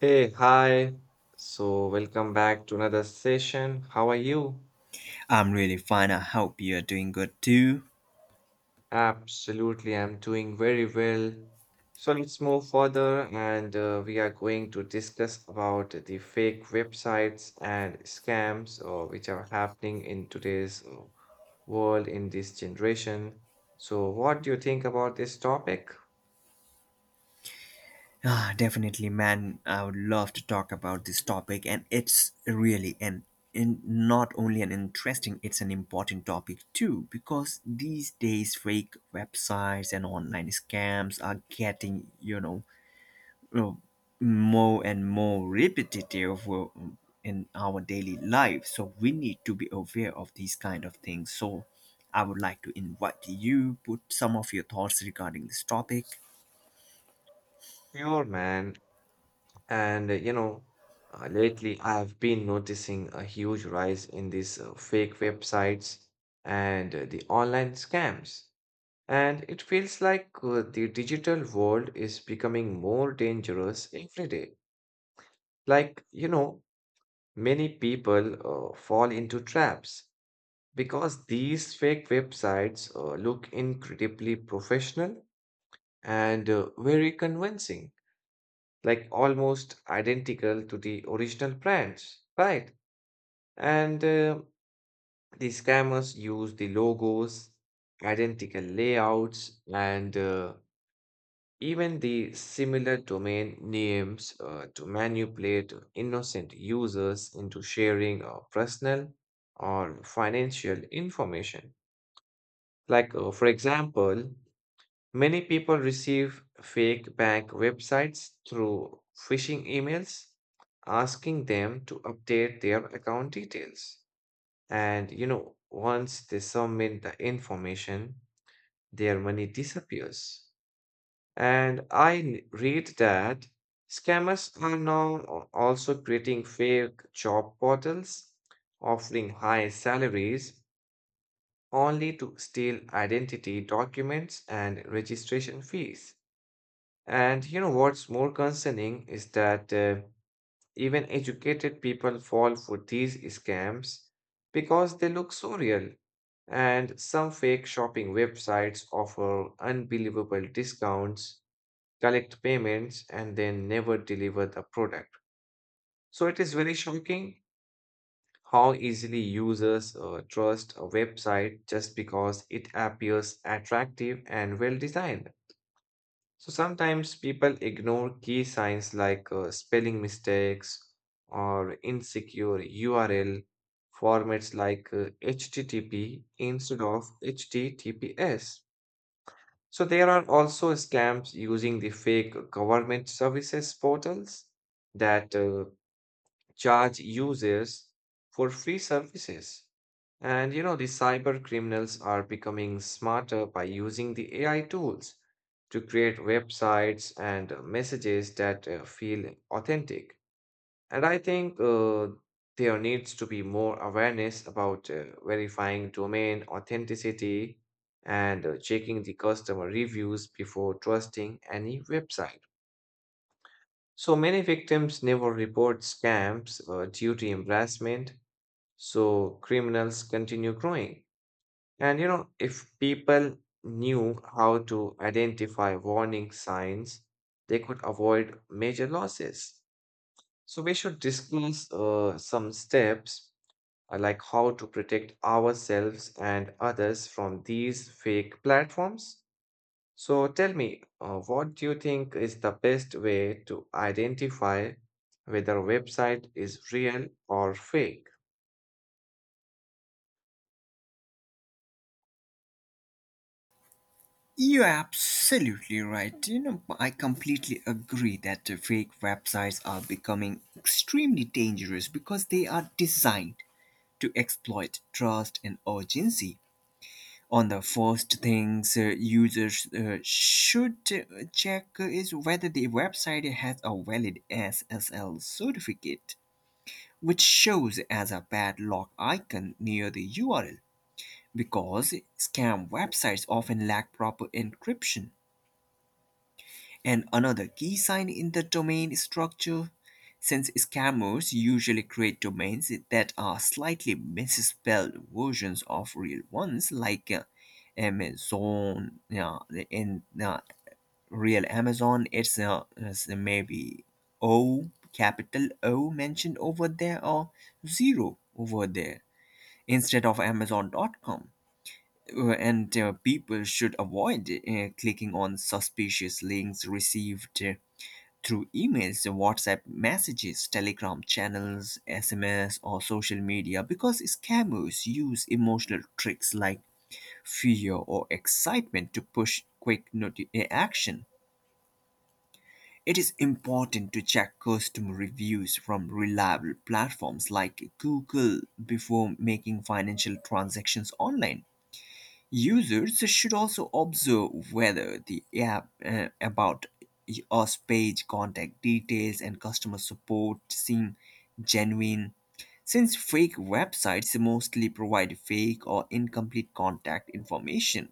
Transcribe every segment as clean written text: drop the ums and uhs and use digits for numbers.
Hey, hi. So, welcome back to another session. How are you? I'm really fine. I hope you're doing good too. Absolutely, I'm doing very well. So, let's move further and we are going to discuss about the fake websites and scams which are happening in today's world in this generation. So, what do you think about this topic? Definitely, man. I would love to talk about this topic, and it's really an in not only an interesting, it's an important topic too, because these days fake websites and online scams are getting, uh, more and more repetitive in our daily life, so we need to be aware of these kind of things. So I would like to invite you, put some of your thoughts regarding this topic. Sure, man. And lately I have been noticing a huge rise in these fake websites and the online scams. And it feels like the digital world is becoming more dangerous every day. Like, you know, many people fall into traps because these fake websites look incredibly professional and very convincing, like almost identical to the original brands, right? And the scammers use the logos, identical layouts, and even the similar domain names to manipulate innocent users into sharing personal or financial information. Like, for example, many people receive fake bank websites through phishing emails asking them to update their account details. And you know, once they submit the information, their money disappears. And read that scammers are now also creating fake job portals, offering high salaries only to steal identity documents and registration fees. And you know what's more concerning is that even educated people fall for these scams because they look so real. And some fake shopping websites offer unbelievable discounts, collect payments, and then never deliver the product. So it is very shocking how easily users trust a website just because it appears attractive and well designed. So sometimes people ignore key signs like spelling mistakes or insecure URL formats like HTTP instead of HTTPS. So there are also scams using the fake government services portals that charge users for free services. And you know, the cyber criminals are becoming smarter by using the AI tools to create websites and messages that feel authentic. And I think there needs to be more awareness about verifying domain authenticity and checking the customer reviews before trusting any website. So many victims never report scams due to embarrassment, so criminals continue growing. And you know, if people knew how to identify warning signs, they could avoid major losses. So we should discuss some steps like how to protect ourselves and others from these fake platforms. So tell me, what do you think is the best way to identify whether a website is real or fake? You're absolutely right. You know, I completely agree that the fake websites are becoming extremely dangerous because they are designed to exploit trust and urgency. On the first things, users should check is whether the website has a valid SSL certificate, which shows as a padlock icon near the URL, because scam websites often lack proper encryption. And another key sign in the domain structure, since scammers usually create domains that are slightly misspelled versions of real ones, like Amazon. Yeah, in real Amazon, it's maybe O, capital O mentioned over there, or zero over there instead of Amazon.com. And People should avoid clicking on suspicious links received through emails, WhatsApp messages, Telegram channels, SMS, or social media, because scammers use emotional tricks like fear or excitement to push quick action. It is important to check customer reviews from reliable platforms like Google before making financial transactions online. Users should also observe whether the app about us page, contact details, and customer support seem genuine. Since fake websites mostly provide fake or incomplete contact information,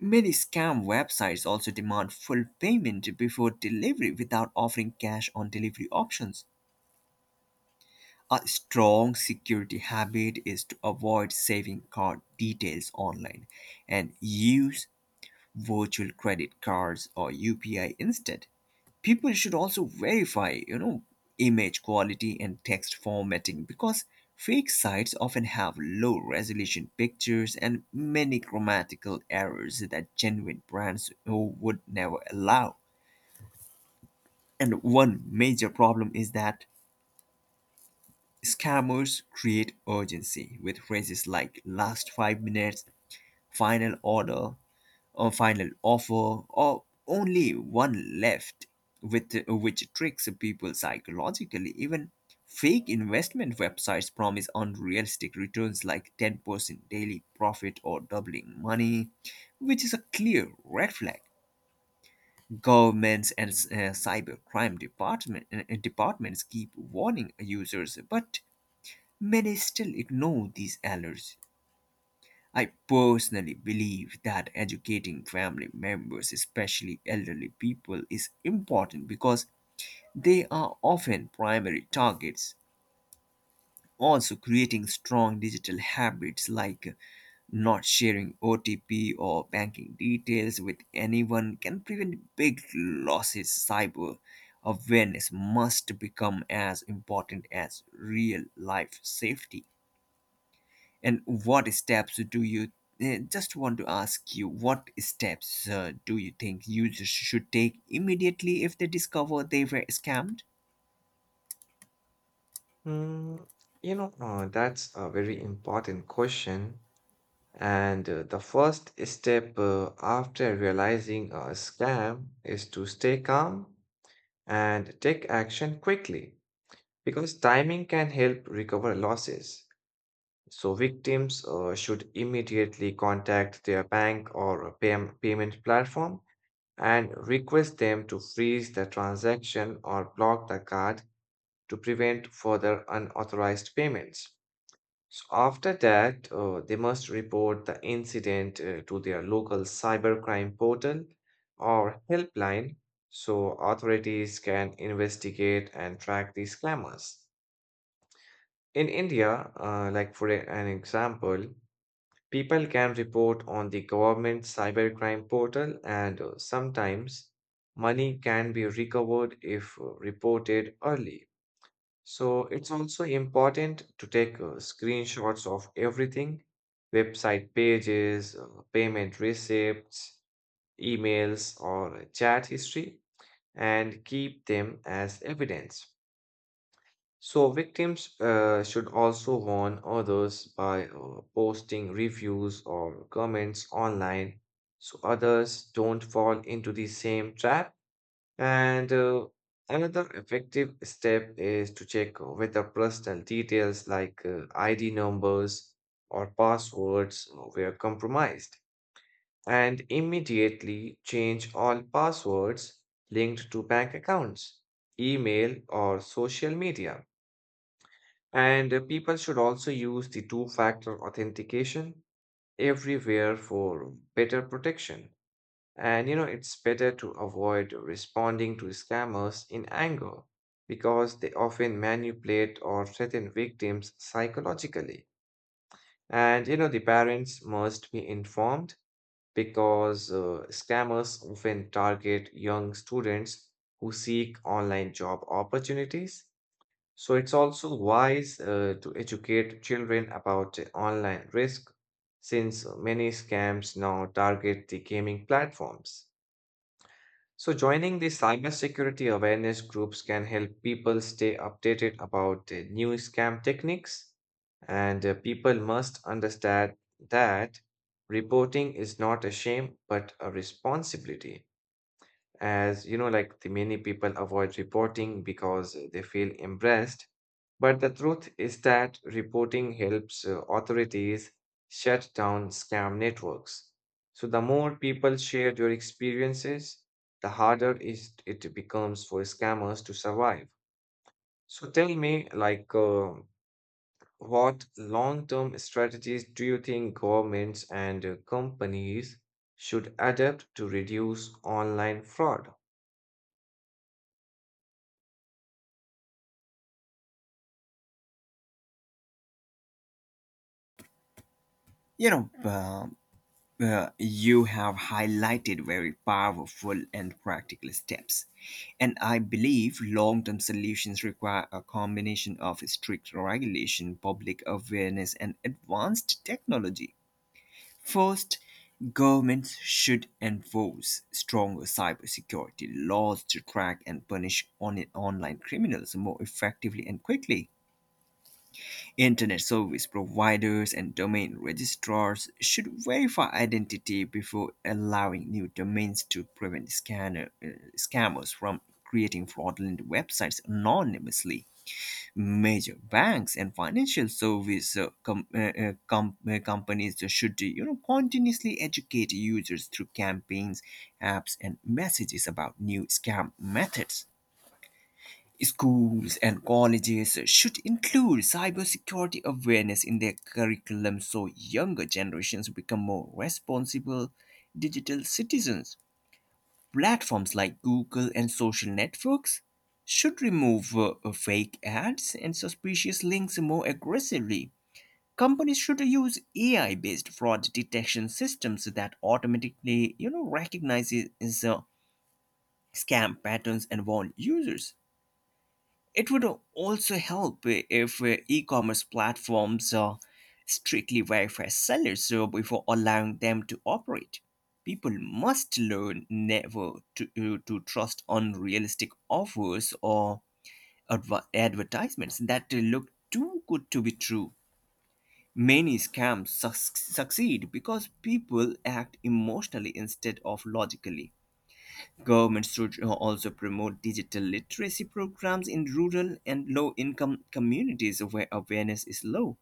many scam websites also demand full payment before delivery without offering cash on delivery options. A strong security habit is to avoid saving card details online and use virtual credit cards or UPI instead. People should also verify, you know, image quality and text formatting, because fake sites often have low resolution pictures and many grammatical errors that genuine brands would never allow. And one major problem is that scammers create urgency with phrases like last 5 minutes, final order, a final offer, or only one left, with which tricks people psychologically. Even fake investment websites promise unrealistic returns like 10% daily profit or doubling money, which is a clear red flag. Governments and cybercrime departments keep warning users, but many still ignore these alerts. I personally believe that educating family members, especially elderly people, is important because they are often primary targets. Also, creating strong digital habits like not sharing OTP or banking details with anyone can prevent big losses. Cyber awareness must become as important as real life safety. And what steps do just want to ask you, what steps do you think users should take immediately if they discover they were scammed? Mm, you know, that's a very important question. And the first step after realizing a scam is to stay calm and take action quickly because timing can help recover losses. So victims should immediately contact their bank or a payment platform and request them to freeze the transaction or block the card to prevent further unauthorized payments. So after that, they must report the incident to their local cybercrime portal or helpline so authorities can investigate and track these scammers. In India, like for an example, people can report on the government cybercrime portal, and sometimes money can be recovered if reported early. So it's also important to take screenshots of everything, website pages, payment receipts, emails, or chat history, and keep them as evidence. So victims should also warn others by posting reviews or comments online so others don't fall into the same trap. And another effective step is to check whether personal details like ID numbers or passwords were compromised, and immediately change all passwords linked to bank accounts, email, or social media. And people should also use the two factor authentication everywhere for better protection. And you know, it's better to avoid responding to scammers in anger because they often manipulate or threaten victims psychologically. And you know, the parents must be informed because scammers often target young students who seek online job opportunities. So it's also wise to educate children about the online risk since many scams now target the gaming platforms. So, joining the cybersecurity awareness groups can help people stay updated about new scam techniques, and people must understand that reporting is not a shame but a responsibility, as you know, like the many people avoid reporting because they feel embarrassed, but the truth is that reporting helps authorities shut down scam networks. So the more people share their experiences, the harder is it becomes for scammers to survive. So tell me, like, what long-term strategies do you think governments and companies should adopt to reduce online fraud? You know, you have highlighted very powerful and practical steps. And I believe long term solutions require a combination of strict regulation, public awareness, and advanced technology. First, governments should enforce stronger cybersecurity laws to track and punish online criminals more effectively and quickly. Internet service providers and domain registrars should verify identity before allowing new domains to prevent scammers from creating fraudulent websites anonymously. Major banks and financial service companies should continuously educate users through campaigns, apps, and messages about new scam methods. Schools and colleges should include cybersecurity awareness in their curriculum, so younger generations become more responsible digital citizens. Platforms like Google and social networks should remove fake ads and suspicious links more aggressively. Companies should use AI-based fraud detection systems that automatically, you know, recognizes uh, scam patterns and warn users. It would also help if e-commerce platforms strictly verify sellers before allowing them to operate. People must learn never to trust unrealistic offers or advertisements that look too good to be true. Many scams succeed because people act emotionally instead of logically. Governments should also promote digital literacy programs in rural and low income communities where awareness is low.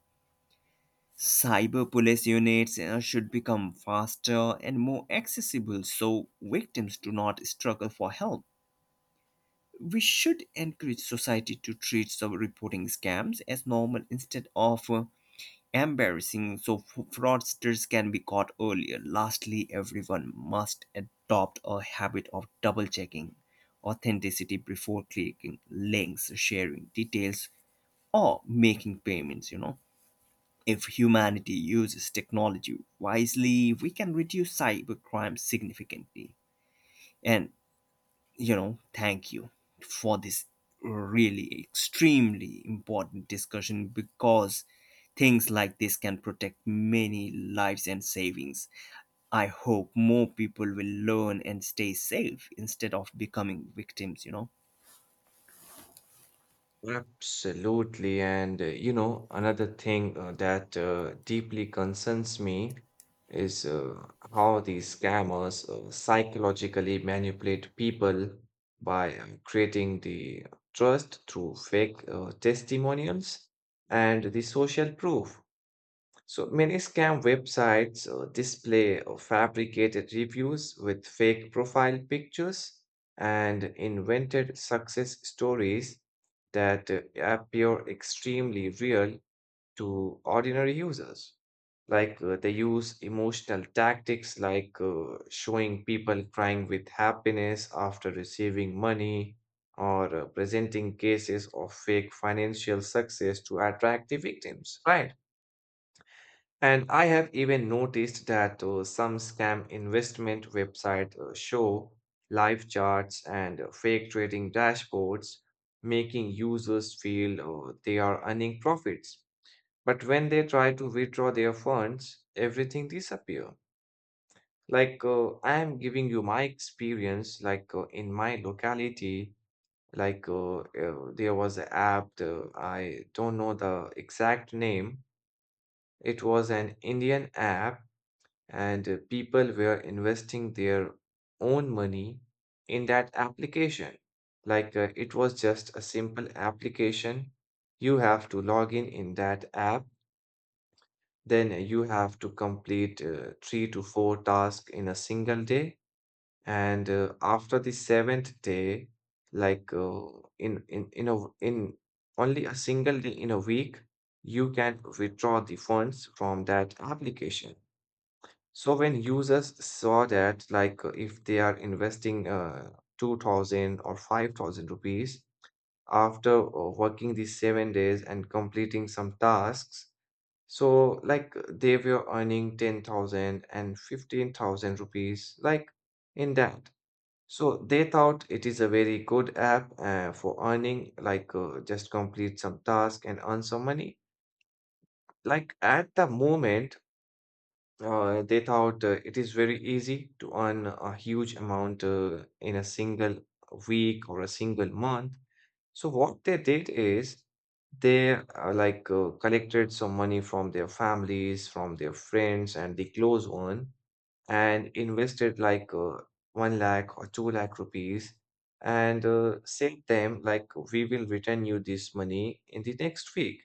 Cyber police units should become faster and more accessible, so victims do not struggle for help. We should encourage society to treat some reporting scams as normal instead of embarrassing, so fraudsters can be caught earlier. Lastly, everyone must adopt a habit of double checking authenticity before clicking links, sharing details, or making payments. You know, if humanity uses technology wisely, we can reduce cybercrime significantly. And you know, thank you for this really extremely important discussion, because things like this can protect many lives and savings. I hope more people will learn and stay safe instead of becoming victims, you know. Absolutely. And you know, another thing that deeply concerns me is how these scammers psychologically manipulate people by creating the trust through fake testimonials and the social proof. So many scam websites display fabricated reviews with fake profile pictures and invented success stories that appear extremely real to ordinary users. Like they use emotional tactics like showing people crying with happiness after receiving money or presenting cases of fake financial success to attract the victims, right? And I have even noticed that some scam investment websites show live charts and fake trading dashboards, making users feel they are earning profits. But when they try to withdraw their funds, everything disappears. Like, I am giving you my experience, like in my locality, there was an app. I don't know the exact name. It was an Indian app, and people were investing their own money in that application. Like, it was just a simple application. You have to log in that app, then you have to complete 3 to 4 tasks in a single day. And after the seventh day, like, in only a single day in a week, you can withdraw the funds from that application. So when users saw that, like, if they are investing 2000 or 5000 rupees after working these 7 days and completing some tasks, so like they were earning 10,000 and 15,000 rupees, like in that. So they thought it is a very good app for earning, like, just complete some task and earn some money. Like at the moment, they thought it is very easy to earn a huge amount in a single week or a single month. So what they did is they collected some money from their families, from their friends, and the close one, and invested like, one lakh or two lakh rupees, and said them like we will return you this money in the next week.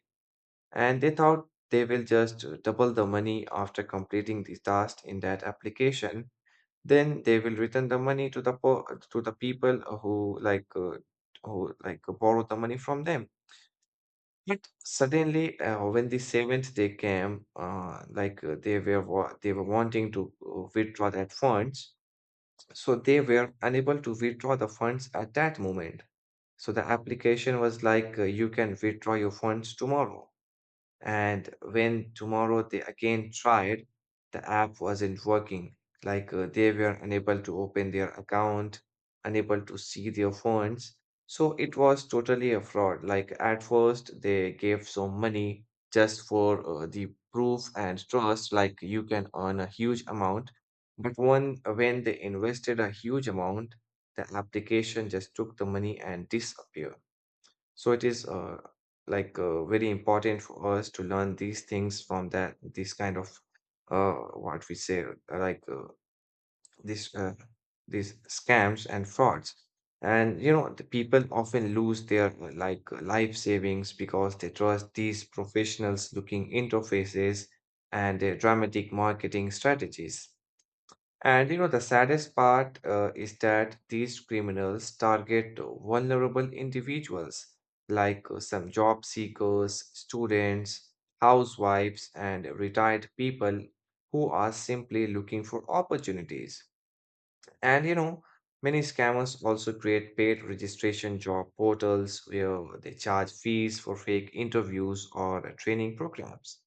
And they thought they will just double the money after completing the task in that application, then they will return the money to the to the people who, like, who like borrow the money from them. But suddenly, when the seventh day came, they were they were wanting to withdraw that funds, so they were unable to withdraw the funds at that moment. So the application was like, you can withdraw your funds tomorrow. And when tomorrow they again tried, the app wasn't working. Like, they were unable to open their account, unable to see their funds. So it was totally a fraud. Like at first, they gave some money just for the proof and trust, like you can earn a huge amount. But one, when they invested a huge amount, the application just took the money and disappeared. So it is very important for us to learn these things from that this kind of uh, what we say, like this these scams and frauds. And you know, the people often lose their life savings because they trust these professionals looking interfaces and their dramatic marketing strategies. And you know, the saddest part is that these criminals target vulnerable individuals like, some job seekers, students, housewives, and retired people who are simply looking for opportunities. And you know, many scammers also create paid registration job portals where they charge fees for fake interviews or training programs.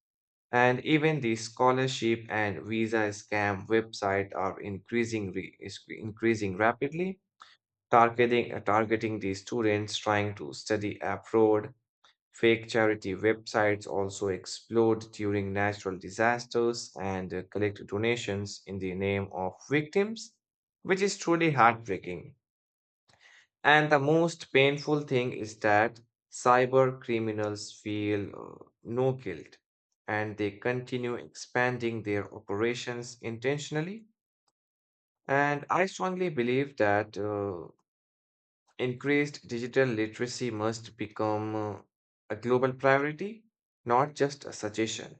And even the scholarship and visa scam website are is increasing rapidly, targeting the students trying to study abroad. Fake charity websites also explode during natural disasters and collect donations in the name of victims, which is truly heartbreaking. And the most painful thing is that cyber criminals feel no guilt, and they continue expanding their operations intentionally. And I strongly believe that increased digital literacy must become a global priority, not just a suggestion.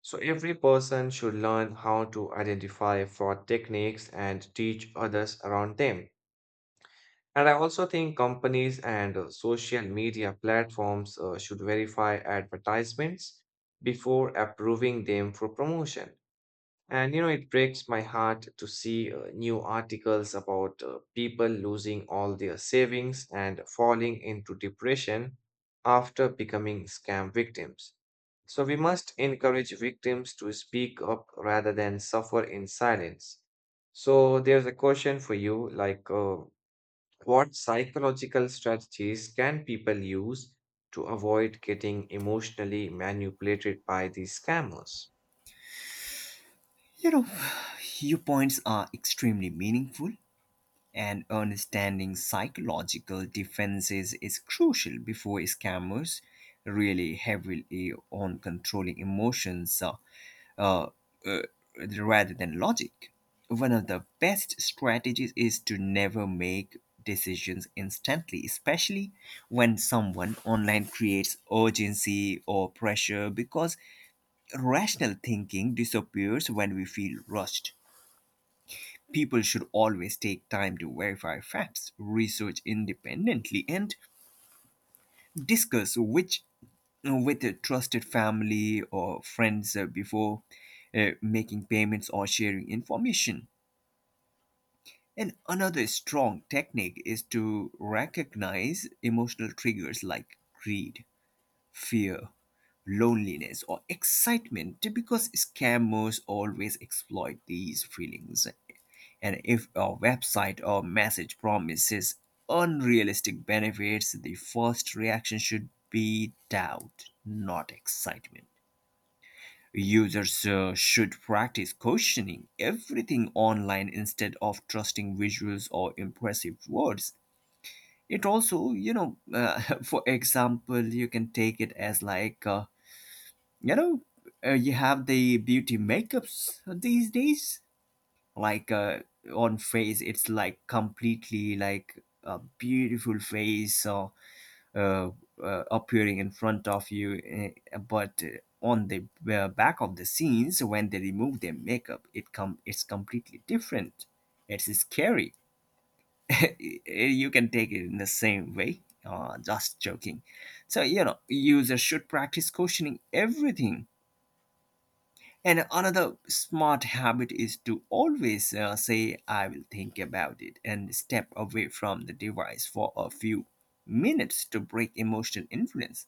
So every person should learn how to identify fraud techniques and teach others around them. And I also think companies and social media platforms should verify advertisements before approving them for promotion. And you know, it breaks my heart to see new articles about people losing all their savings and falling into depression after becoming scam victims. So we must encourage victims to speak up rather than suffer in silence. So there's a question for you, like, what psychological strategies can people use to avoid getting emotionally manipulated by these scammers? You know, your points are extremely meaningful, and understanding psychological defenses is crucial before scammers really heavily on controlling emotions. Uh, uh, Rather than logic. One of the best strategies is to never make decisions instantly, especially when someone online creates urgency or pressure, because rational thinking disappears when we feel rushed. People should always take time to verify facts, research independently, and discuss which with a trusted family or friends before making payments or sharing information. And another strong technique is to recognize emotional triggers like greed, fear, loneliness, or excitement, because scammers always exploit these feelings. And if a website or message promises unrealistic benefits, the first reaction should be doubt, not excitement. Users should practice questioning everything online instead of trusting visuals or impressive words. It also, for example, you can take it as like, you know, you have the beauty makeups these days. Like uh, on face, it's like completely like a beautiful face. Uh, Appearing in front of you, eh, but on the back of the scenes, when they remove their makeup, it's completely different. It's scary. You can take it in the same way. Just joking. So you know, users should practice questioning everything. And another smart habit is to always say, I will think about it, and step away from the device for a few minutes to break emotional influence.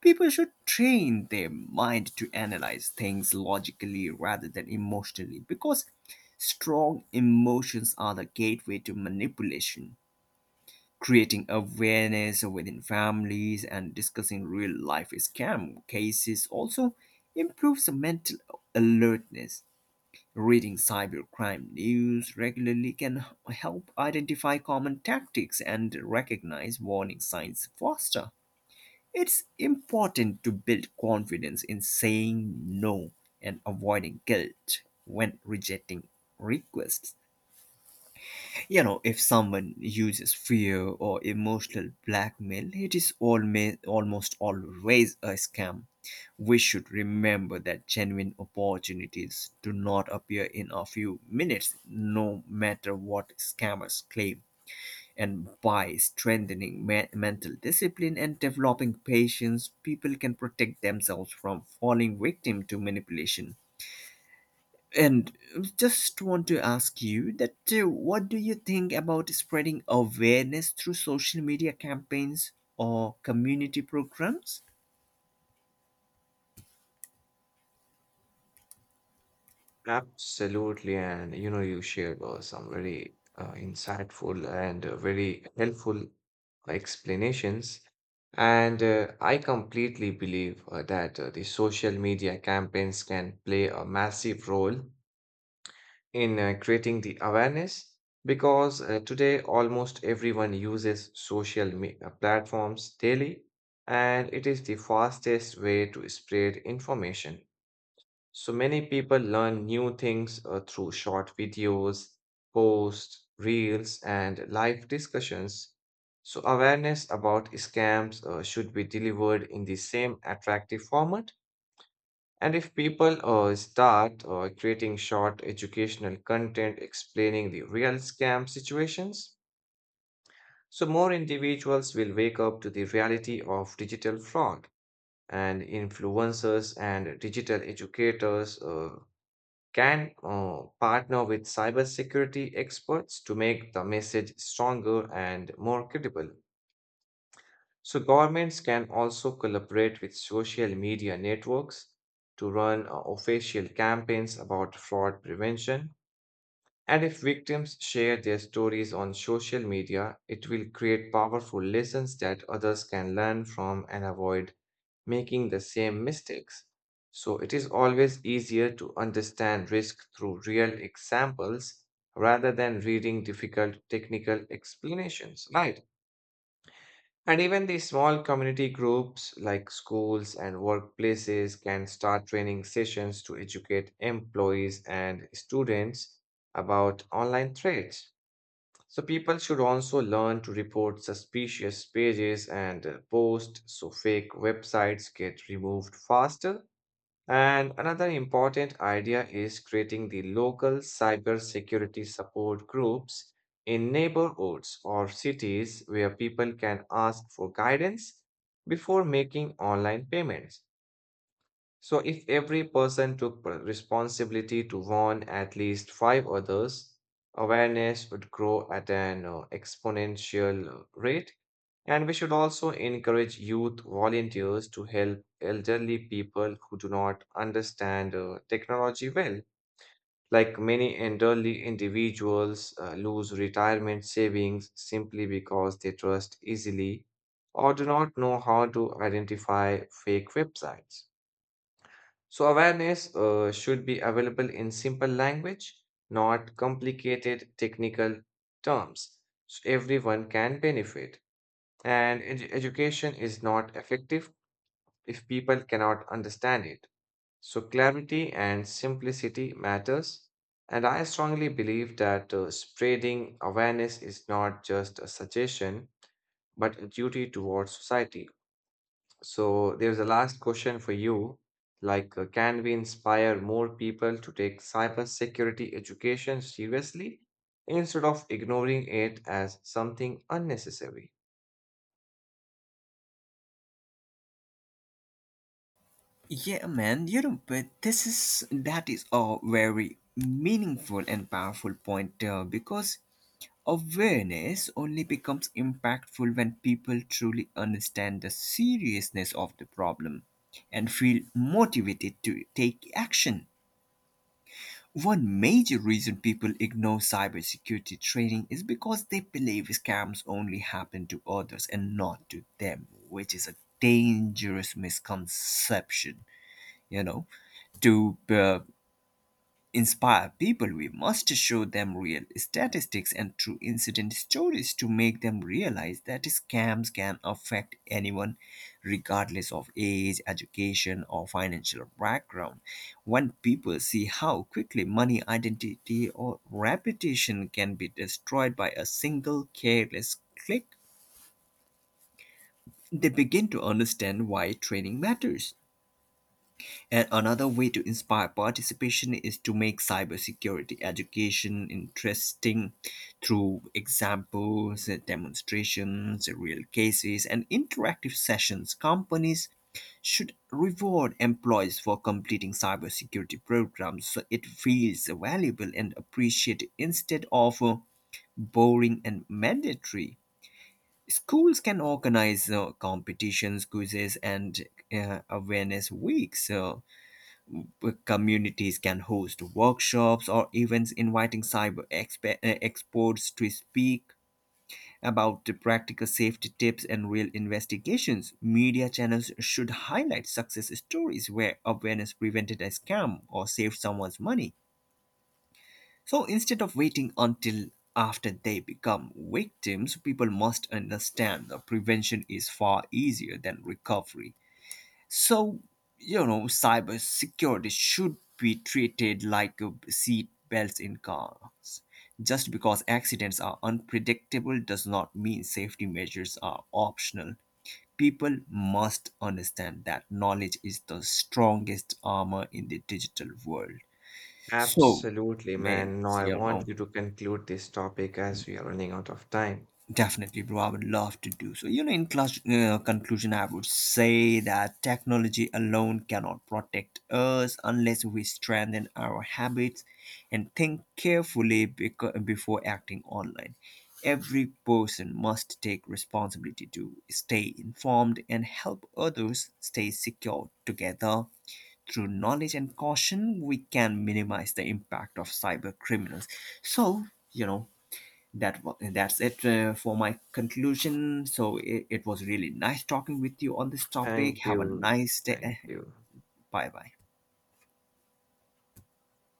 People should train their mind to analyze things logically rather than emotionally, because strong emotions are the gateway to manipulation. Creating awareness within families and discussing real life scam cases also improves mental alertness. Reading cybercrime news regularly can help identify common tactics and recognize warning signs faster. It's important to build confidence in saying no and avoiding guilt when rejecting requests. You know, if someone uses fear or emotional blackmail, it is almost always a scam. We should remember that genuine opportunities do not appear in a few minutes, no matter what scammers claim. And by strengthening mental discipline and developing patience, people can protect themselves from falling victim to manipulation. And just want to ask you that what do you think about spreading awareness through social media campaigns or community programs? Absolutely, and you know, you shared some very insightful and very helpful explanations. And I completely believe that the social media campaigns can play a massive role in creating the awareness because today almost everyone uses social platforms daily, and it is the fastest way to spread information. So many people learn new things through short videos, posts, reels, and live discussions. So awareness about scams should be delivered in the same attractive format. And if people start creating short educational content explaining the real scam situations, so more individuals will wake up to the reality of digital fraud. And influencers and digital educators can partner with cybersecurity experts to make the message stronger and more credible. So governments can also collaborate with social media networks to run official campaigns about fraud prevention. And if victims share their stories on social media, it will create powerful lessons that others can learn from and avoid making the same mistakes. So it is always easier to understand risk through real examples rather than reading difficult technical explanations, right? And even the small community groups like schools and workplaces can start training sessions to educate employees and students about online threats. So people should also learn to report suspicious pages and posts so fake websites get removed faster. And another important idea is creating the local cybersecurity support groups in neighborhoods or cities where people can ask for guidance before making online payments. So, if every person took responsibility to warn at least five others, awareness would grow at an exponential rate. And we should also encourage youth volunteers to help elderly people who do not understand technology well. Like many elderly individuals lose retirement savings simply because they trust easily or do not know how to identify fake websites. So, awareness should be available in simple language, not complicated technical terms, so everyone can benefit. And education is not effective if people cannot understand it. So, clarity and simplicity matters. And I strongly believe that spreading awareness is not just a suggestion, but a duty towards society. So there's a last question for you. Like, can we inspire more people to take cybersecurity education seriously instead of ignoring it as something unnecessary? Yeah, man, you know, but this is that is a very meaningful and powerful point, because awareness only becomes impactful when people truly understand the seriousness of the problem and feel motivated to take action. One major reason people ignore cybersecurity training is because they believe scams only happen to others and not to them, which is a dangerous misconception. You know, to inspire people, we must show them real statistics and true incident stories to make them realize that scams can affect anyone, regardless of age, education, or financial background. When people see how quickly money, identity, or reputation can be destroyed by a single careless click, they begin to understand why training matters. And another way to inspire participation is to make cybersecurity education interesting through examples, demonstrations, real cases, and interactive sessions. Companies should reward employees for completing cybersecurity programs, so it feels valuable and appreciated instead of boring and mandatory. Schools can organize competitions, quizzes, and awareness weeks. Communities can host workshops or events inviting cyber experts to speak about the practical safety tips and real investigations. Media channels should highlight success stories where awareness prevented a scam or saved someone's money. So instead of waiting until after they become victims, people must understand that prevention is far easier than recovery. So, you know, cybersecurity should be treated like seat belts in cars. Just because accidents are unpredictable does not mean safety measures are optional. People must understand that knowledge is the strongest armor in the digital world. So, Absolutely, man, man. Now I you want know, you to conclude this topic as we are running out of time. definitely, bro, I would love to do so. You know, in conclusion, I would say that technology alone cannot protect us unless we strengthen our habits and think carefully before acting online. Every person must take responsibility to stay informed and help others stay secure together. Through knowledge and caution, we can minimize the impact of cyber criminals. So, you know, that's it for my conclusion. So it was really nice talking with you on this topic. Thank Have a you. nice day. Thank you. Bye bye.